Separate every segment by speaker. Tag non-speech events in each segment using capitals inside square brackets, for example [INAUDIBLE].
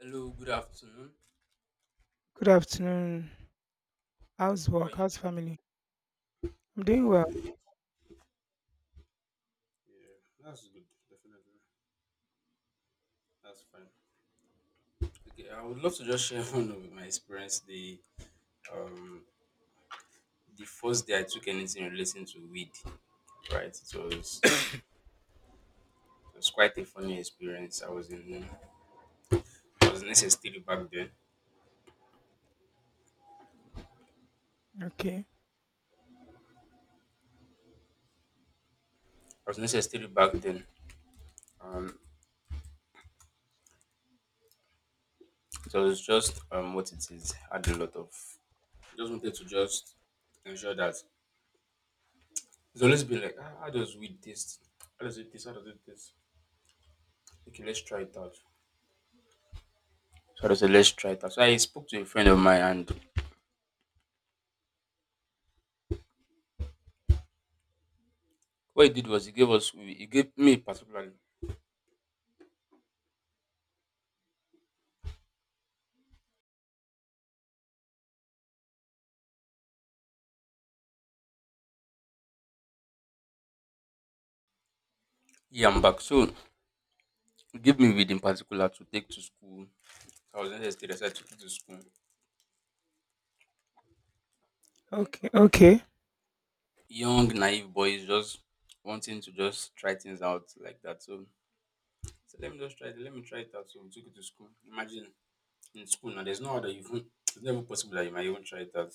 Speaker 1: Hello, good afternoon.
Speaker 2: Good afternoon. How's
Speaker 1: How are
Speaker 2: work?
Speaker 1: you
Speaker 2: How's
Speaker 1: doing?
Speaker 2: family? I'm doing well.
Speaker 1: Okay, I would love to just share [LAUGHS] one of my experience. Um the first day I took anything relating to weed, right? It was quite a funny experience. I was in SS3 back then.
Speaker 2: Okay.
Speaker 1: I was in SS3 back then. Um, so it was just what it is. I had a lot of just wanted to just ensure that it's always been like ah, how does weed taste? How does it taste? How does it taste? Okay, let's try it out. So I just said, let's try it out. So I spoke to a friend of mine and. What he did was he gave me particularly he and back. So he gave me weed in particular to take to school. I was in the state, I said to take to school.
Speaker 2: Okay. Okay.
Speaker 1: Young, naive boys just wanting to just try things out like that. So let me just try it, let me try it out. So we took it to school. Imagine in school now there's no other you even it's never possible that you might even try it out.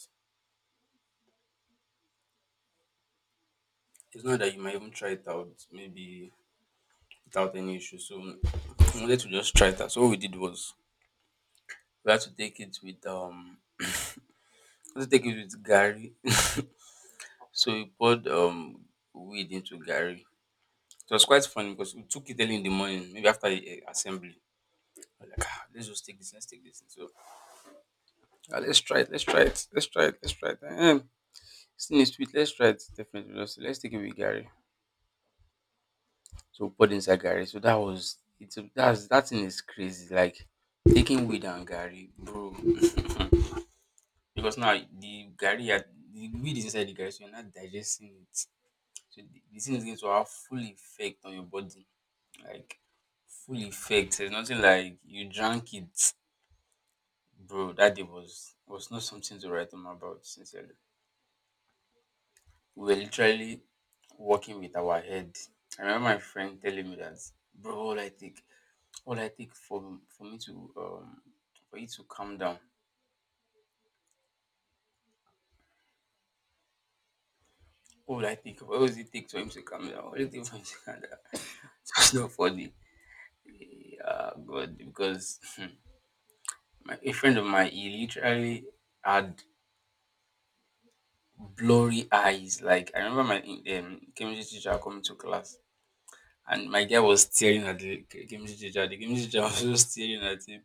Speaker 1: It's not that you might even try it out maybe without any issue. So we wanted to just try it out. So what we did was we had to take it with let's take it with Gary [LAUGHS] So we poured weed into Gary. It was quite funny because we took it early in the morning, maybe after the assembly. We're like, ah, let's just take this, let's take this. So "Ah, let's try it, let's try it, let's try it, let's try it. Still needs sweet, let's try it. Definitely, let's take it with Gary. So we poured inside Gary. So that was it's that's that thing is crazy. Like taking weed and Gary, bro. [LAUGHS] because now the Gary had the weed is inside the Gary, so you're not digesting it. So the thing is going to have full effect on your body. Like full effect. There's nothing like you drank it, bro. That day was not something to write home about. Sincerely, we were literally walking with our head. I remember my friend telling me that, bro, all I take for me to for you to calm down. All I think, what does it take for him to calm down? What do you think for him to calm down? [LAUGHS] It's not funny. Yeah, God, because [LAUGHS] my a friend of mine, he literally had blurry eyes. Like I remember my chemistry teacher coming to class and my guy was staring at the chemistry teacher. The chemistry teacher [LAUGHS] was just staring at him,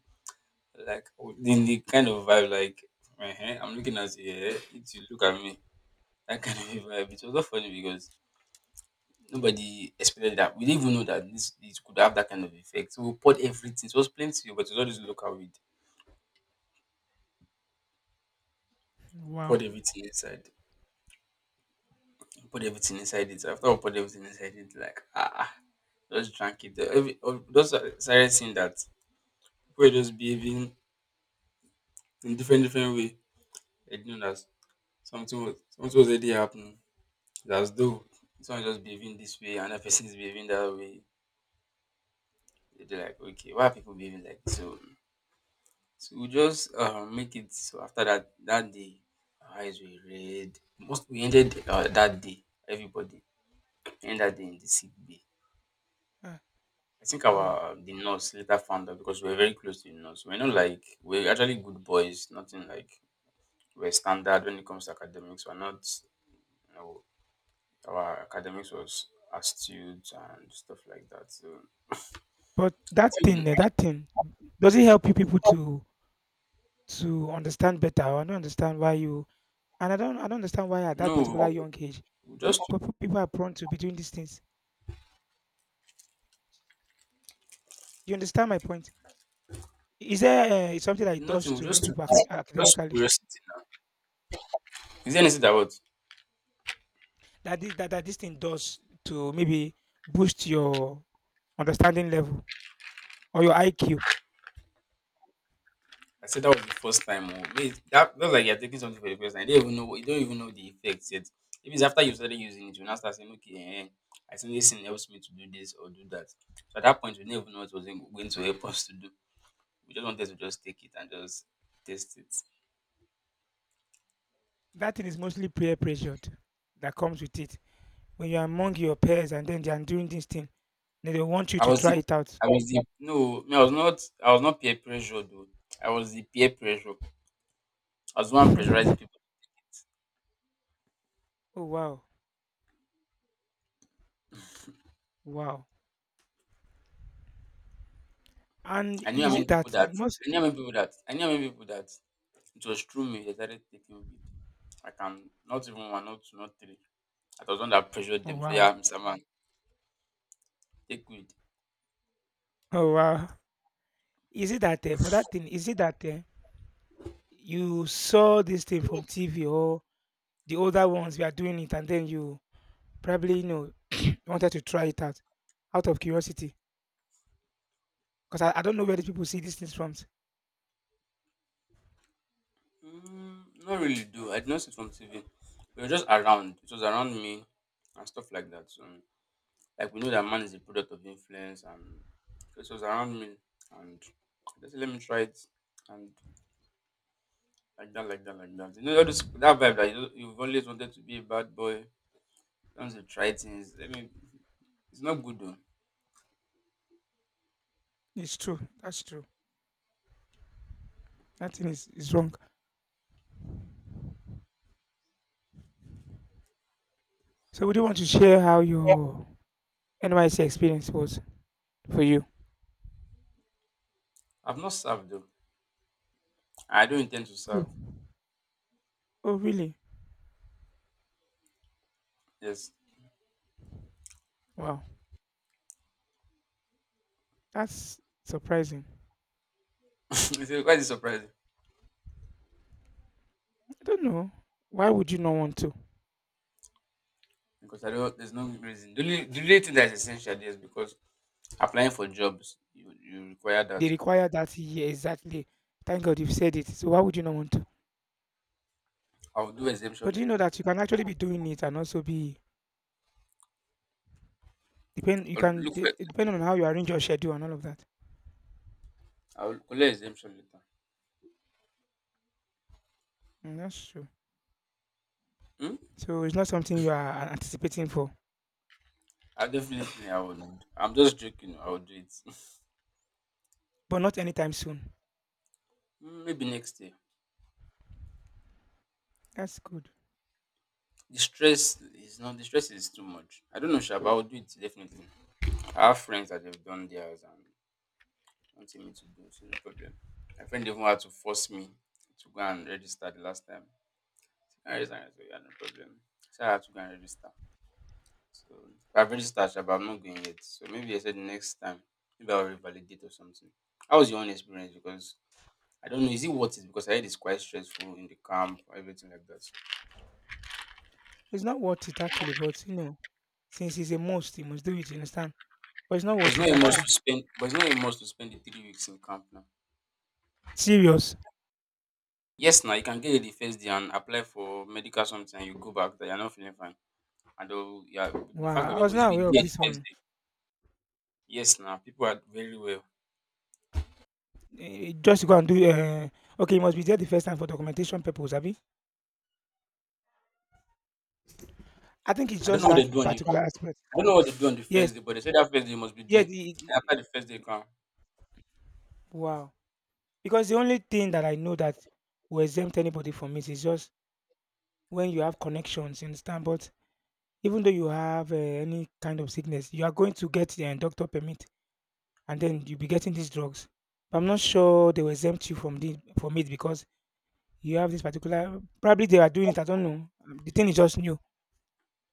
Speaker 1: like in the kind of vibe like, I'm looking at you, eh, it's you look at me. That kind of vibe. It was not funny because nobody expected that. We didn't even know that this it could have that kind of effect. So we poured everything. It was plenty, but it was all this local weed. Poured
Speaker 2: Wow.
Speaker 1: everything inside. Put everything inside it. After we put everything inside it, like ah, ah, just drank it. Every, those started seeing that people were just behaving in different different way. I didn't know that something was already happening. It's as though someone just behaving this way, another person is behaving that way. They're like, okay, why are people behaving like this? So? So we just make it. So after that day, our eyes were red. Most we ended that day. Everybody ended that day in the sick bay.
Speaker 2: Ah,
Speaker 1: I think
Speaker 2: wow.
Speaker 1: our the nurse later found out because we were very close to the nurse. We're not like we're actually good boys. Nothing like we're standard when it comes to academics. We're not, you know, our academics was astute and stuff like that. So [LAUGHS]
Speaker 2: But
Speaker 1: I
Speaker 2: that
Speaker 1: think
Speaker 2: thing,
Speaker 1: the-
Speaker 2: eh, that thing, does it help you people to understand better? I don't understand why you and I don't understand why at that particular
Speaker 1: no,
Speaker 2: young age
Speaker 1: we just
Speaker 2: people are prone to be doing these things. You understand my point? Is there something that it does
Speaker 1: nothing. We
Speaker 2: to you
Speaker 1: just took
Speaker 2: people
Speaker 1: it- just
Speaker 2: academically
Speaker 1: curiosity now. Is there anything that what?
Speaker 2: that this thing does to maybe boost your understanding level or your IQ?
Speaker 1: I said that was the first time. Oh. Wait, that that's like you're taking something for the first time. You don't even know what- you don't even know the effects yet. If it's after you started using it, you now start saying, okay, eh, I think this thing helps me to do this or do that. So at that point, we didn't even know what was in- going to help us to do. We just wanted to just take it and just test it.
Speaker 2: That thing is mostly peer pressured that comes with it. When you're among your peers and then they are doing this thing, then they want you
Speaker 1: I
Speaker 2: to
Speaker 1: was
Speaker 2: try
Speaker 1: the,
Speaker 2: it out.
Speaker 1: no, me, I was not peer pressure though. I was the peer pressure. I was the
Speaker 2: [LAUGHS]
Speaker 1: one
Speaker 2: Oh
Speaker 1: pressurizing people.
Speaker 2: wow, wow! And
Speaker 1: I knew how
Speaker 2: is it
Speaker 1: many people
Speaker 2: that
Speaker 1: that,
Speaker 2: most?
Speaker 1: I knew how many people that, I knew how many people that It was through me they started taking weed. I can not even one, not two, not three. I was the one that pressured
Speaker 2: Oh
Speaker 1: them. So yeah,
Speaker 2: wow,
Speaker 1: Mr. Man, take weed.
Speaker 2: oh wow! Is it that for that thing? Is it that you saw this thing from TV or the older ones were doing it, and then you probably [CLEARS THROAT] wanted to try it out out of curiosity? Because I don't know where these people see these things from.
Speaker 1: Mm, not really do. I did not see it from TV. We were just around. It was around me and stuff like that. So like we know that man is a product of influence and so it was around me and I just said, let me try it and like that, like that, like that. You know all this, that vibe that you you've always wanted to be a bad boy. Sometimes you try things. I mean, it's not good though.
Speaker 2: It's true. That's true. That thing is wrong. So would you want to share how your NYC experience was for you?
Speaker 1: I've not served though. I don't intend to
Speaker 2: Oh,
Speaker 1: serve.
Speaker 2: oh really?
Speaker 1: Yes,
Speaker 2: Wow, that's surprising.
Speaker 1: [LAUGHS] it's a- quite surprising
Speaker 2: I don't know. Why would you not want to?
Speaker 1: because I don't. There's no reason. The only thing that is essential is because applying for jobs you, you require
Speaker 2: They
Speaker 1: that.
Speaker 2: require that year exactly. Thank God you've said it. So why would you not want to?
Speaker 1: I'll do
Speaker 2: But
Speaker 1: exemption
Speaker 2: do you know
Speaker 1: letter.
Speaker 2: that you can actually be doing it and also be depend you
Speaker 1: I'll
Speaker 2: can
Speaker 1: look for
Speaker 2: de-
Speaker 1: it.
Speaker 2: it depending on how you arrange your schedule and all of that.
Speaker 1: I'll collect exemption letter.
Speaker 2: Mm, that's true.
Speaker 1: Hmm?
Speaker 2: So it's not something you are anticipating for,
Speaker 1: I would. I'm just joking. I will do it. [LAUGHS]
Speaker 2: but not anytime soon.
Speaker 1: Hmm, maybe next year.
Speaker 2: That's good.
Speaker 1: The stress is not. The stress is too much. I don't know, sure, but I will do it definitely. I have friends that have done theirs and nothing me to do, so no problem. My friend even had to force me to go and register the last time. I registered, I said, yeah, no problem. So I had to go and register. So I've registered, sha, but I'm not going yet. So maybe I said next time, maybe I'll revalidate or something. How was your own experience? Because I don't know, is it worth it? Because I heard it's quite stressful in the camp, everything like that.
Speaker 2: It's not worth it actually, but you know, since it's a must, you must do it, you understand? But it's not
Speaker 1: But it's
Speaker 2: worth
Speaker 1: not
Speaker 2: it
Speaker 1: a must
Speaker 2: actually.
Speaker 1: to spend. But it's not a must to spend the 3 weeks in camp now.
Speaker 2: Serious.
Speaker 1: Yes, now you can get it the first day and apply for medical something, and you go back that you're not feeling fine. And though, yeah, the fact that
Speaker 2: Wow, I
Speaker 1: we
Speaker 2: was
Speaker 1: must
Speaker 2: not
Speaker 1: be
Speaker 2: aware of
Speaker 1: there the
Speaker 2: this
Speaker 1: first
Speaker 2: one.
Speaker 1: day. Yes, now people are very well.
Speaker 2: Eh, just go and do okay, you must be there the first time for documentation purpose, Abi. I think it's just that particular
Speaker 1: I
Speaker 2: aspect.
Speaker 1: don't know what they do on the
Speaker 2: Yes.
Speaker 1: first day, but they say that first day you must be
Speaker 2: Yeah,
Speaker 1: there. And after the first day come,
Speaker 2: wow. Because the only thing that I know that will exempt anybody from it is just when you have connections, you understand? But even though you have any kind of sickness, you are going to get the eh, doctor permit and then you'll be getting these drugs. But I'm not sure they will exempt you from the from it because you have this particular probably they are doing it, I don't know. The thing is just new.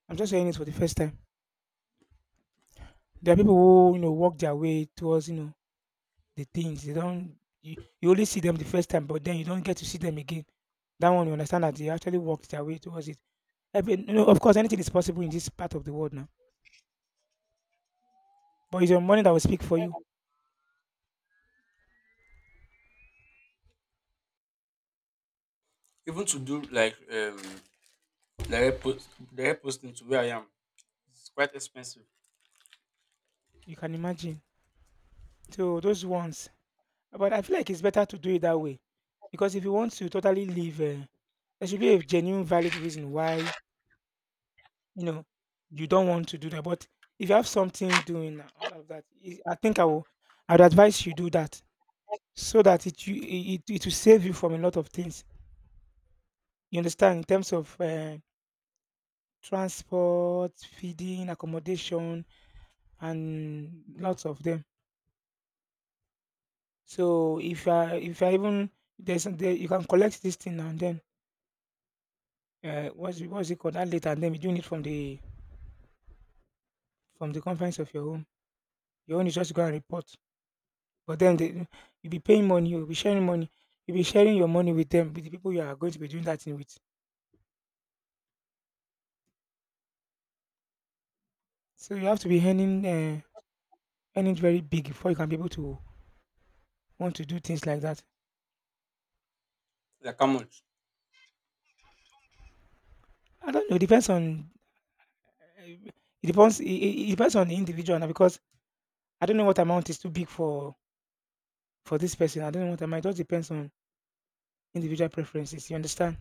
Speaker 2: I'm just saying it for the first time. There are people who, work their way towards, the things. They don't you, you only see them the first time, but then you don't get to see them again. That one you understand that they actually worked their way towards it. Every, of course anything is possible in this part of the world now. But it's your money that will speak for you.
Speaker 1: even to do like direct posting to where I am, it's quite expensive.
Speaker 2: You can imagine. So those ones. But I feel like it's better to do it that way. Because if you want to totally leave there should be a genuine valid reason why You know, you don't want to do that, but if you have something doing and all of that, I think I will. I'd advise you do that so that it will save you from a lot of things. You understand in terms of transport, feeding, accommodation, and lots of them. So if you if I even there's there, you can collect this thing and then what's it called that later and then you doing it from the conference of your home. Your own is just go and report. But then they, you'll be paying money, you'll be sharing money, you'll be sharing your money with them, with the people you are going to be doing that thing with. So you have to be earning very big before you can be able to want to do things like that.
Speaker 1: Like how much?
Speaker 2: I don't know. It depends on, it depends. It depends on the individual now because I don't know what amount is too big for this person. I don't know what amount. It just depends on individual preferences. You understand?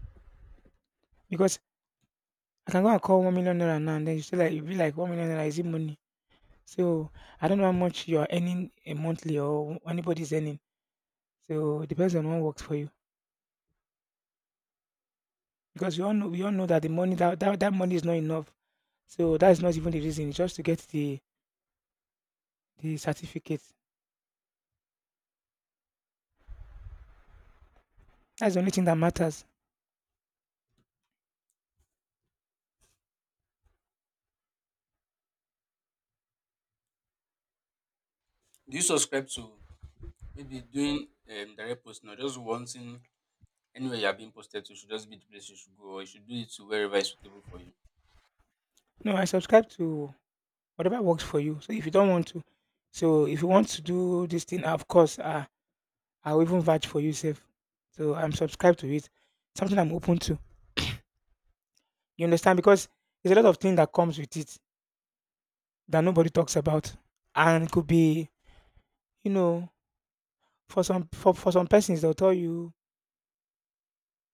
Speaker 2: Because I can go and call 1 million naira now, and then you say like you be like 1 million naira is it money? So I don't know how much you are earning a monthly or anybody's earning. So it depends on what works for you. Because we all know that that money is not enough. So that's not even the reason, it's just to get the certificate. That's the only thing that matters.
Speaker 1: Do you subscribe to maybe doing direct posting or just wanting anywhere you are being posted to should just be the place you should go or you should do it to wherever is suitable for you.
Speaker 2: No, I subscribe to whatever works for you. So if you don't want to, so if you want to do this thing, of course, I'll even vouch for you safe. So I'm subscribed to it. Something I'm open to. You understand? Because there's a lot of things that comes with it that nobody talks about. And it could be, you know, for some persons, they'll tell you,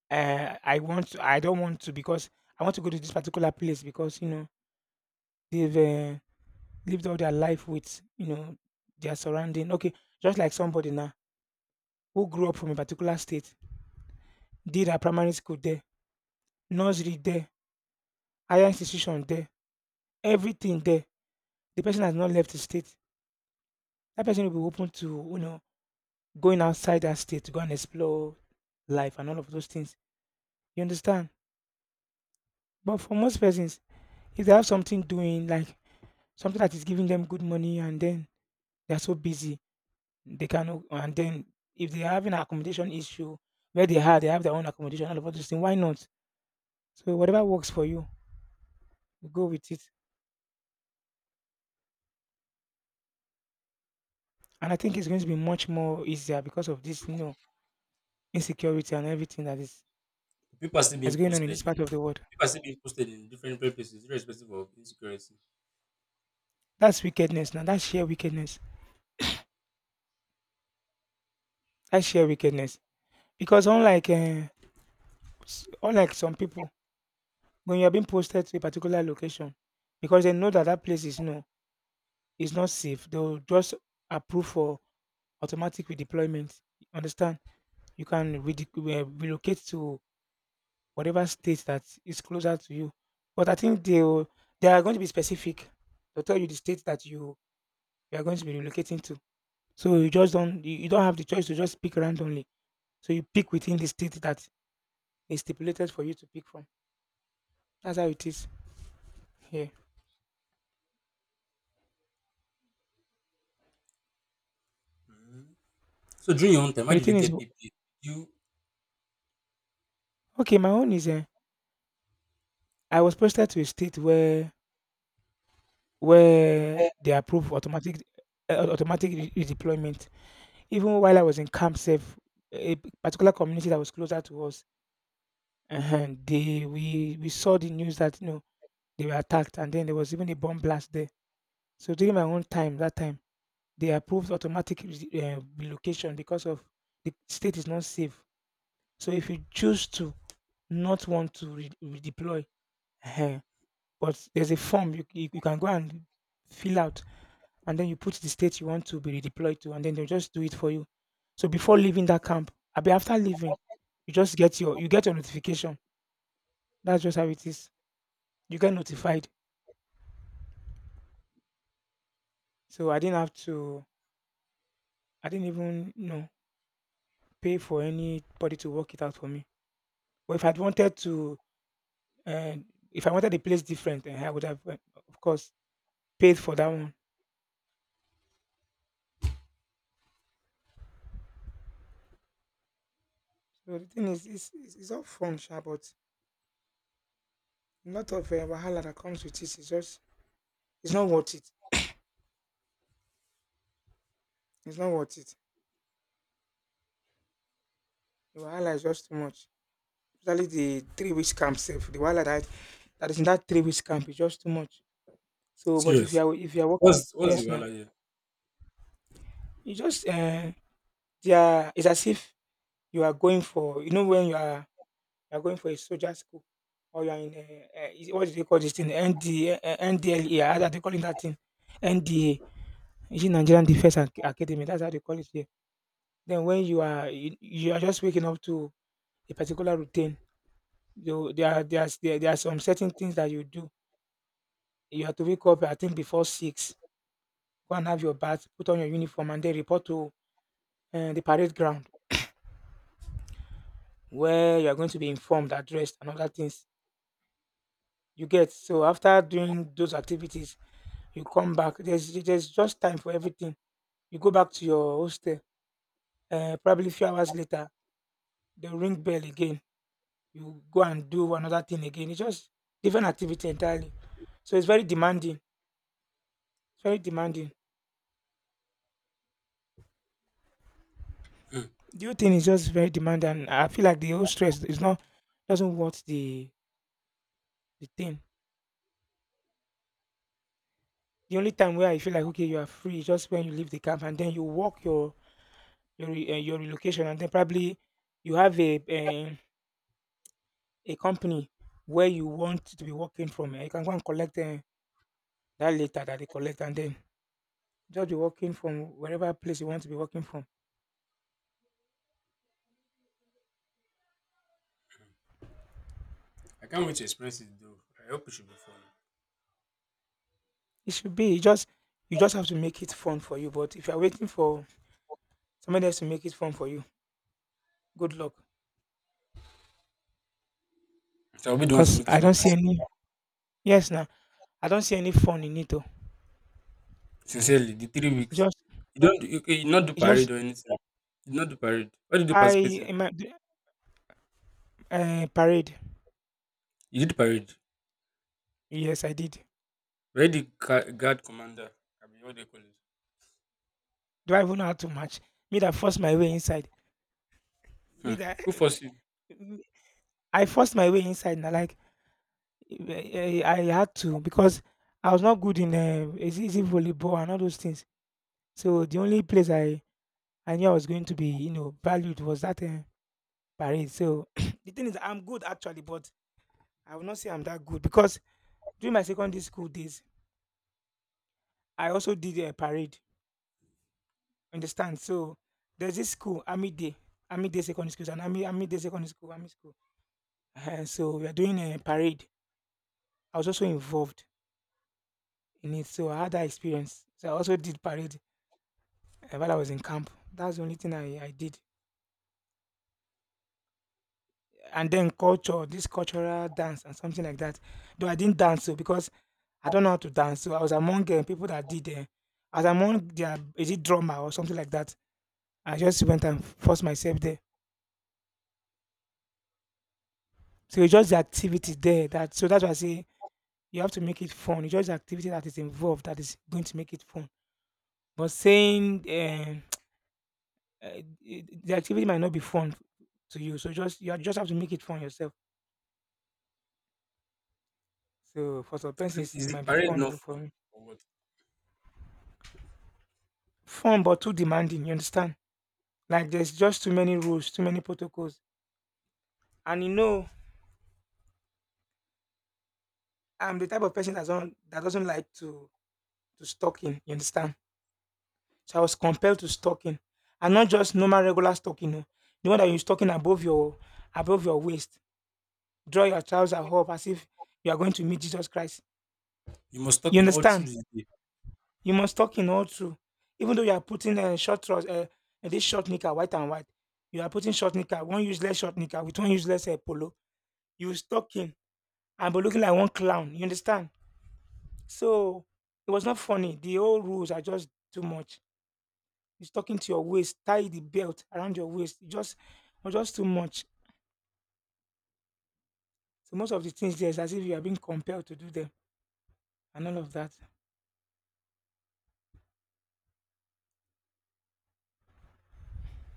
Speaker 2: I want to, I don't want to because I want to go to this particular place because they've lived all their life with their surrounding. Okay, just like somebody now who grew up from a particular state, did her primary school there, nursery there, higher institution there, everything there. The person has not left the state. That person will be open to going outside that state to go and explore life and all of those things. You understand? But for most persons, if they have something doing like something that is giving them good money and then they are so busy, They can and then if they're having an accommodation issue where they are, they have their own accommodation, all those things, why not? So whatever works for you, you go with it. And I think it's going to be much more easier because of this, insecurity and everything
Speaker 1: People are still
Speaker 2: that's
Speaker 1: being
Speaker 2: going on in this
Speaker 1: posted
Speaker 2: part
Speaker 1: in
Speaker 2: of the world.
Speaker 1: people are still being posted in different, different places, irrespective of insecurity.
Speaker 2: That's wickedness now. That's sheer wickedness. That's sheer wickedness. Because unlike some people, when you're being posted to a particular location, because they know that that place is you know is not safe, they'll just approve for automatic redeployment. Understand? You can relocate to whatever state that is closer to you. But I think they are going to be specific. They'll tell you the state that you are going to be relocating to. So you don't have the choice to just pick randomly. So you pick within the state that is stipulated for you to pick from. That's how it is. Yeah.
Speaker 1: So during your own time, how
Speaker 2: And the
Speaker 1: did you
Speaker 2: thing is,
Speaker 1: get PP? You
Speaker 2: okay, my own is, I was posted to a state where they approve automatic redeployment. Even while I was in camp safe, a particular community that was closer to us, they we saw the news that they were attacked, and then there was even a bomb blast there. So during my own time, that time they approved automatic relocation because of the state is not safe. So if you choose to not want to redeploy, uh but there's a form you can go and fill out and then you put the state you want to be redeployed to, and then they'll just do it for you. So before leaving that camp, abi after leaving, you just get your notification. That's just how it is. You get notified. So I didn't have to. I didn't even pay for anybody to work it out for me. But if I'd wanted to, uh, if I wanted a place different, eh, I would have, of course, paid for that one. So the thing is, it's all fun, sha, but a lot of wahala that comes with it. It's not worth it. It's not worth it. The wahala is just too much, especially the 3 weeks camp sef. The wahala that is in that 3 weeks camp is just too much. So, but if you
Speaker 1: serious?
Speaker 2: are if you are working,
Speaker 1: What's the
Speaker 2: yes now,
Speaker 1: value here?
Speaker 2: you just they are it's as if you are going for when you are going for a soldier school or you are in what do they call this thing ND, NDLA, how are they calling that thing NDA, is it Nigerian Defence Academy? That's how they call it here. Then when you are just waking up to a particular routine. You, there are there are some certain things that you do. You have to wake up, I think, before six. Go and have your bath, put on your uniform, and then report to the parade ground where you are going to be informed, addressed, and other things you get. So after doing those activities, you come back. There's just time for everything. You go back to your hostel. Probably a few hours later, the ring bell again. You go and do another thing again. It's just different activity entirely. So it's very demanding. It's very demanding.
Speaker 1: Hmm.
Speaker 2: The whole thing is just very demanding. I feel like the whole stress is not doesn't worth the thing. The only time where I feel like okay, you are free is just when you leave the camp and then you walk your your relocation and then probably you have a company where you want to be working from. You can go and collect that later that they collect and then just be working from wherever place you want to be working from.
Speaker 1: I can't wait to experience it though. I hope it should be fun.
Speaker 2: It should be you just have to make it fun for you. But if you're waiting for somebody else to make it fun for you, good luck.
Speaker 1: So I'll be the one to
Speaker 2: Because
Speaker 1: make it
Speaker 2: I
Speaker 1: fun
Speaker 2: don't see
Speaker 1: myself.
Speaker 2: any yes now. I don't see any fun in it. Though.
Speaker 1: Sincerely, the 3 weeks.
Speaker 2: Just
Speaker 1: You don't you, you not do
Speaker 2: it just
Speaker 1: parade or anything. You not do parade. What did you
Speaker 2: I
Speaker 1: participate in?
Speaker 2: in my parade.
Speaker 1: You did parade.
Speaker 2: Yes, I did.
Speaker 1: Where the ca- guard commander? I mean, what they call it.
Speaker 2: Do I even know how to march? Me that forced my way inside. Me
Speaker 1: Hmm.
Speaker 2: that
Speaker 1: Who forced you?
Speaker 2: [LAUGHS] I forced my way inside. And like I had to because I was not good in is it volleyball and all those things. So the only place I knew I was going to be you know valued was that parade. So [CLEARS THROAT] the thing is I'm good actually, but I will not say I'm that good because during my secondary school days I also did a parade. Understand? So there's this school, Amide, Amide Secondary School, and Amide Secondary School, Ami School. Ehen, so we are doing a parade. I was also involved in it, so I had that experience. So I also did parade while I was in camp. That's the only thing I did. And then culture, this cultural dance and something like that. Though I didn't dance, so because I don't know how to dance, so I was among people that did. I was among their is it drummer or something like that. I just went and forced myself there. So it's just the activity there that so that's why I say you have to make it fun. It's just the activity that is involved that is going to make it fun. But saying [TSK] eh, the activity might not be fun to you, so just you just have to make it fun yourself. So for some persons,
Speaker 1: Is
Speaker 2: it
Speaker 1: the
Speaker 2: might be
Speaker 1: parade
Speaker 2: fun,
Speaker 1: not
Speaker 2: but for
Speaker 1: fun
Speaker 2: me,
Speaker 1: or what?
Speaker 2: fun but too demanding. You understand? Like there's just too many rules, too many protocols, and you know, I'm the type of person that don't that doesn't like to stalking. You understand? So I was compelled to stalking, and not just normal regular stalking. No, the one that you stalking above your waist. Draw your trousers up as if you are going to meet Jesus Christ.
Speaker 1: You must
Speaker 2: You
Speaker 1: talk in all through
Speaker 2: understand?
Speaker 1: the day.
Speaker 2: You must talk in all truth. Even though you are putting a short trousers, this short knicker, white and white, you are putting short knicker, one useless short knicker with one useless polo. You talking and be looking like one clown. You understand? So it was not funny. The old rules are just too much. It's talking to your waist, tie the belt around your waist. It just, it was just too much. So most of the things there is as if you are being compelled to do them and all of that.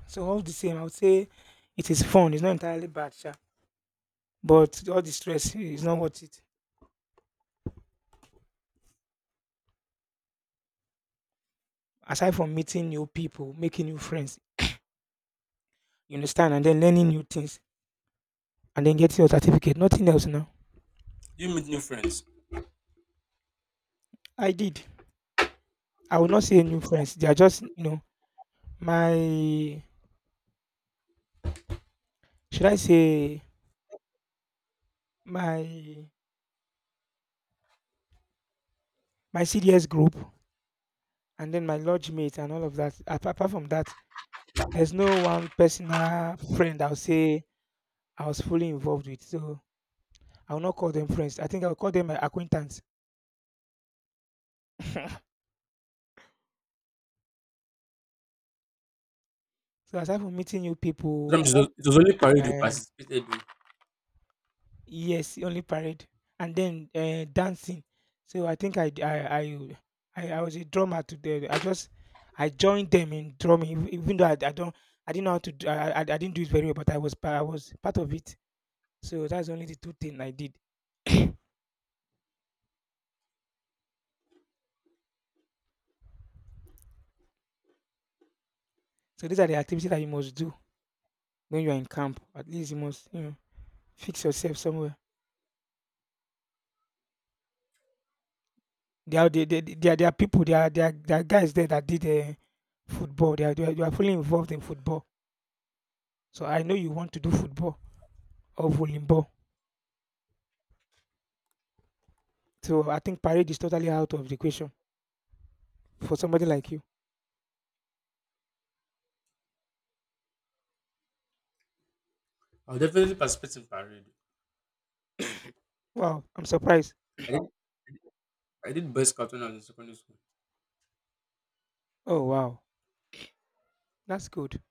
Speaker 2: So all the same, I would say it is fun. It's not entirely bad, sha. But all the stress is not worth it. Aside from meeting new people, making new friends, you understand, and then learning new things, and then getting your certificate, nothing else now.
Speaker 1: Do you meet new friends?
Speaker 2: I did. I will not say new friends. They are just, you know, my should I say my my CDS group and then my lodge mate and all of that. Apart from that, there's no one personal friend I would say I was fully involved with. So I will not call them friends. I think I will call them my acquaintance. So aside from meeting new people,
Speaker 1: Sometimes It was only parade you
Speaker 2: uh,
Speaker 1: participated in.
Speaker 2: yes, only parade and then dancing. So I think I was a drummer today. I joined them in drumming, even though I didn't know how to do, I didn't do it very well, but I was I was part of it. So that's only the two things I did. So these are the activities that you must do when you are in camp. At least you must you know fix yourself somewhere. There are people, there are guys there that did, football. They are fully involved in football. So I know you want to do football or volleyball. So I think parade is totally out of the question for somebody like you.
Speaker 1: I'll definitely participate in parade.
Speaker 2: Wow, I'm surprised.
Speaker 1: I didn't I did boys captain as in secondary school.
Speaker 2: Oh wow, that's good.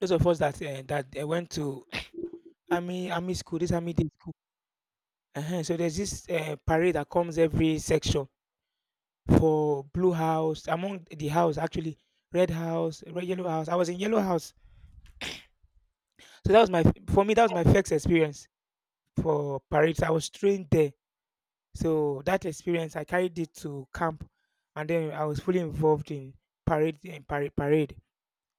Speaker 2: Those of us that went to [CLEARS THROAT] army school, this army day school. Uh huh. So there's this parade that comes every section for blue house among the house actually red house, red yellow house. I was in yellow house. So that was my for me that was my first experience for parades. I was trained there, so that experience I carried it to camp, and then I was fully involved in parade in parade.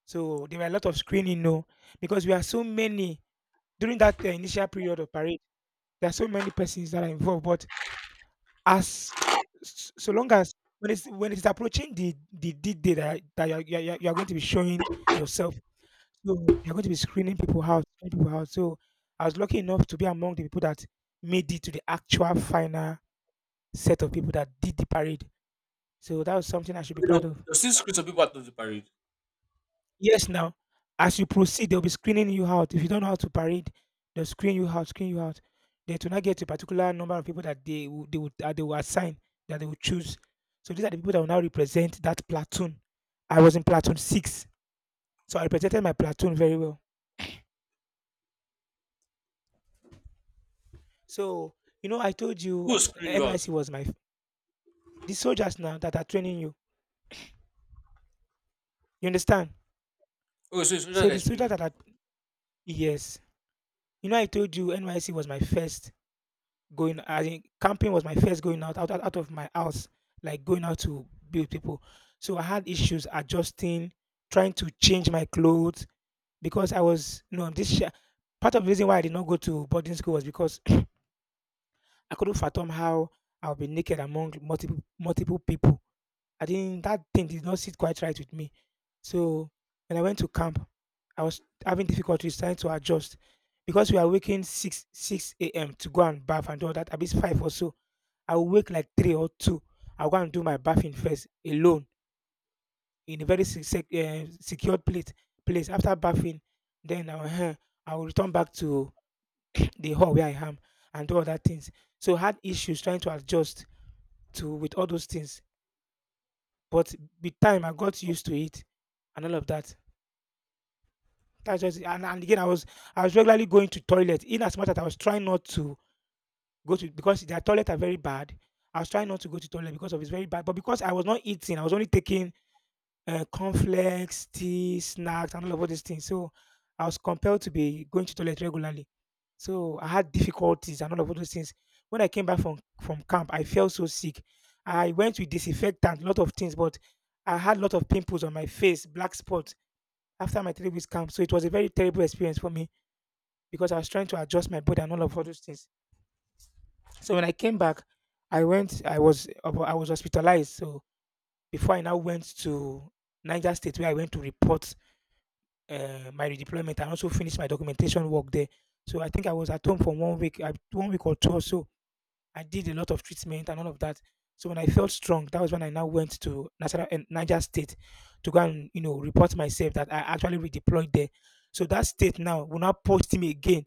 Speaker 2: So there were a lot of screening, no, because we are so many during that initial period of parade. There are so many persons that are involved, but as so long as when it's approaching the day that you are going to be showing yourself. So they're going to be screening people out, screening people out. So I was lucky enough to be among the people that made it to the actual final set of people that did the parade. So that was something I should be
Speaker 1: Wait up,
Speaker 2: proud of.
Speaker 1: you still screw some people out of the parade.
Speaker 2: Yes, now as you proceed, they'll be screening you out. If you don't know how to parade, they'll screen you out, screen you out. They do not get a particular number of people that that they will assign that they will choose. So these are the people that will now represent that platoon. I was in platoon six, so I represented my platoon very well. So, you know, I told
Speaker 1: Who
Speaker 2: you
Speaker 1: was screwing you out?
Speaker 2: NYC was my the soldiers now that are training you. You understand?
Speaker 1: Oh, so it's soldiers
Speaker 2: So
Speaker 1: that are
Speaker 2: the
Speaker 1: screwing
Speaker 2: soldiers
Speaker 1: you.
Speaker 2: that are yes. You know, I told you NYC was my first going I think camping was my first going out, of my house, like going out to be with people. So I had issues adjusting, trying to change my clothes because I was you know this part of the reason why I did not go to boarding school was because [CLEARS THROAT] I couldn't fathom how I'll be naked among multiple people. I didn't that thing did not sit quite right with me. So when I went to camp, I was having difficulties trying to adjust because we are waking six a.m. to go and bath and all that. At least five or so, I will wake like three or two. I'll go and do my bathing first alone in a very secured place. Place after bathing, then I will, I will return back to the hall where I am and do other things. So I had issues trying to adjust to with all those things. But with time, I got used to it and all of that. That's just. And again, I was regularly going to toilet. In as much that I was trying not to go to because their toilet are very bad. I was trying not to go to toilet because of it's very bad. But because I was not eating, I was only taking cornflakes, tea, snacks, and all these things. So I was compelled to be going to toilet regularly. So I had difficulties and all of those things. When I came back from camp, I felt so sick. I went with disinfectant, lot of things, but I had a lot of pimples on my face, black spots after my 3 weeks camp. So it was a very terrible experience for me because I was trying to adjust my body and all of all those things. So when I came back, I was hospitalized. So before I now went to Niger State where I went to report my redeployment and also finish my documentation work there. So I think I was at home for 1 week, 1 week or two or so I did a lot of treatment and all of that. So when I felt strong, that was when I now went to National and Niger State to go and report myself that I actually redeployed there. So that state now will now post me again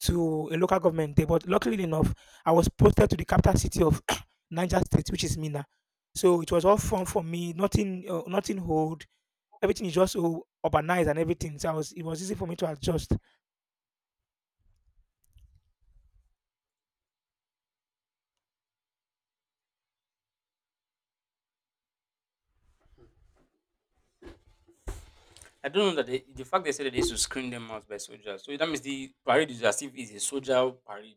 Speaker 2: to a local government there. But luckily enough, I was posted to the capital city of [COUGHS] [CLEARS THROAT] Niger State, which is Mina. So it was all fun for me. Nothing hold. Everything is just so urbanized and everything. It was easy for me to adjust.
Speaker 1: I don't know that they, the fact they said that they used to screen them out by soldiers. So that means the parade is as if it's a soldier parade.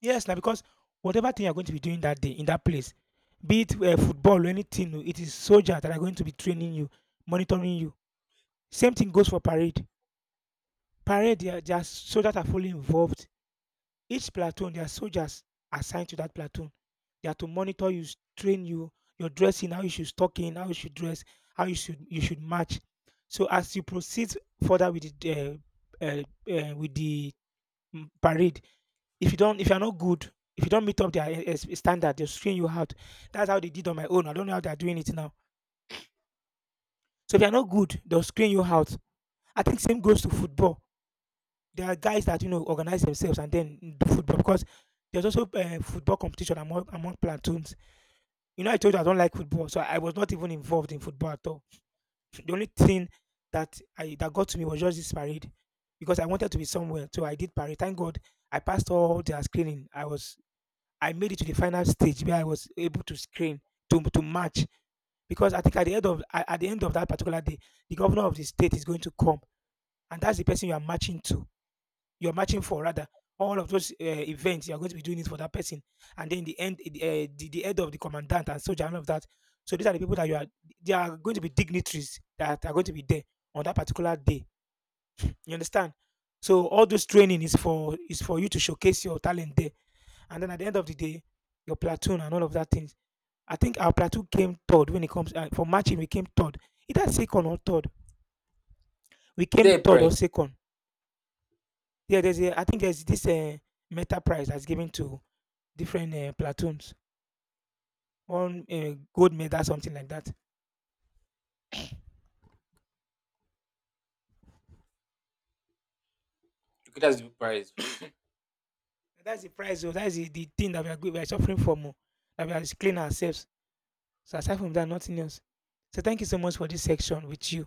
Speaker 2: Yes, na because whatever thing you're going to be doing that day in that place, be it football or anything, it is soldiers that are going to be training you, monitoring you. Same thing goes for parade. Parade, there are soldiers that are fully involved. Each platoon, there are soldiers assigned to that platoon. They are to monitor you, train you, your dressing, how you should stock in, how you should dress, how you should match. So as you proceed further uh, uh, with the parade. If you're not good, if you don't meet up their standard, they'll screen you out. That's how they did on my own. I don't know how they're doing it now. So if you're not good, they'll screen you out. I think same goes to football. There are guys that organize themselves and then do football because there's also football competition among platoons. You know, I told you I don't like football, so I was not even involved in football at all. The only thing that got to me was just this parade because I wanted to be somewhere. So I did parade. Thank God I passed all their screening. I made it to the final stage where I was able to screen to match because I think at the end of that particular day, the governor of the state is going to come, and that's the person you are matching to. You're matching for rather all of those events. You are going to be doing it for that person, and then the head of the commandant and soldier and all of that. So these are the people that you are. They are going to be dignitaries that are going to be there on that particular day. You understand? So all those training is for you to showcase your talent there, and then at the end of the day, your platoon and all of that thing. I think our plateau came third when it comes for matching. We came third. Either second or third. We
Speaker 1: Is
Speaker 2: came
Speaker 1: there a
Speaker 2: third or
Speaker 1: prize?
Speaker 2: second. Yeah, I think there's this meta prize that's given to different platoons. One gold medal, something like that.
Speaker 1: Okay, that's the prize.
Speaker 2: That's the prize. Oh, That's the thing that we are, we are suffering from. Oh, that we are clean ourselves. So aside from that, nothing else. So thank you so much for this section with you.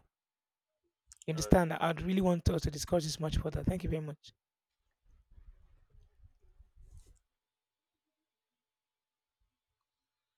Speaker 2: You
Speaker 1: All right.
Speaker 2: understand? I'd really want us to discuss this much further. Thank you very much.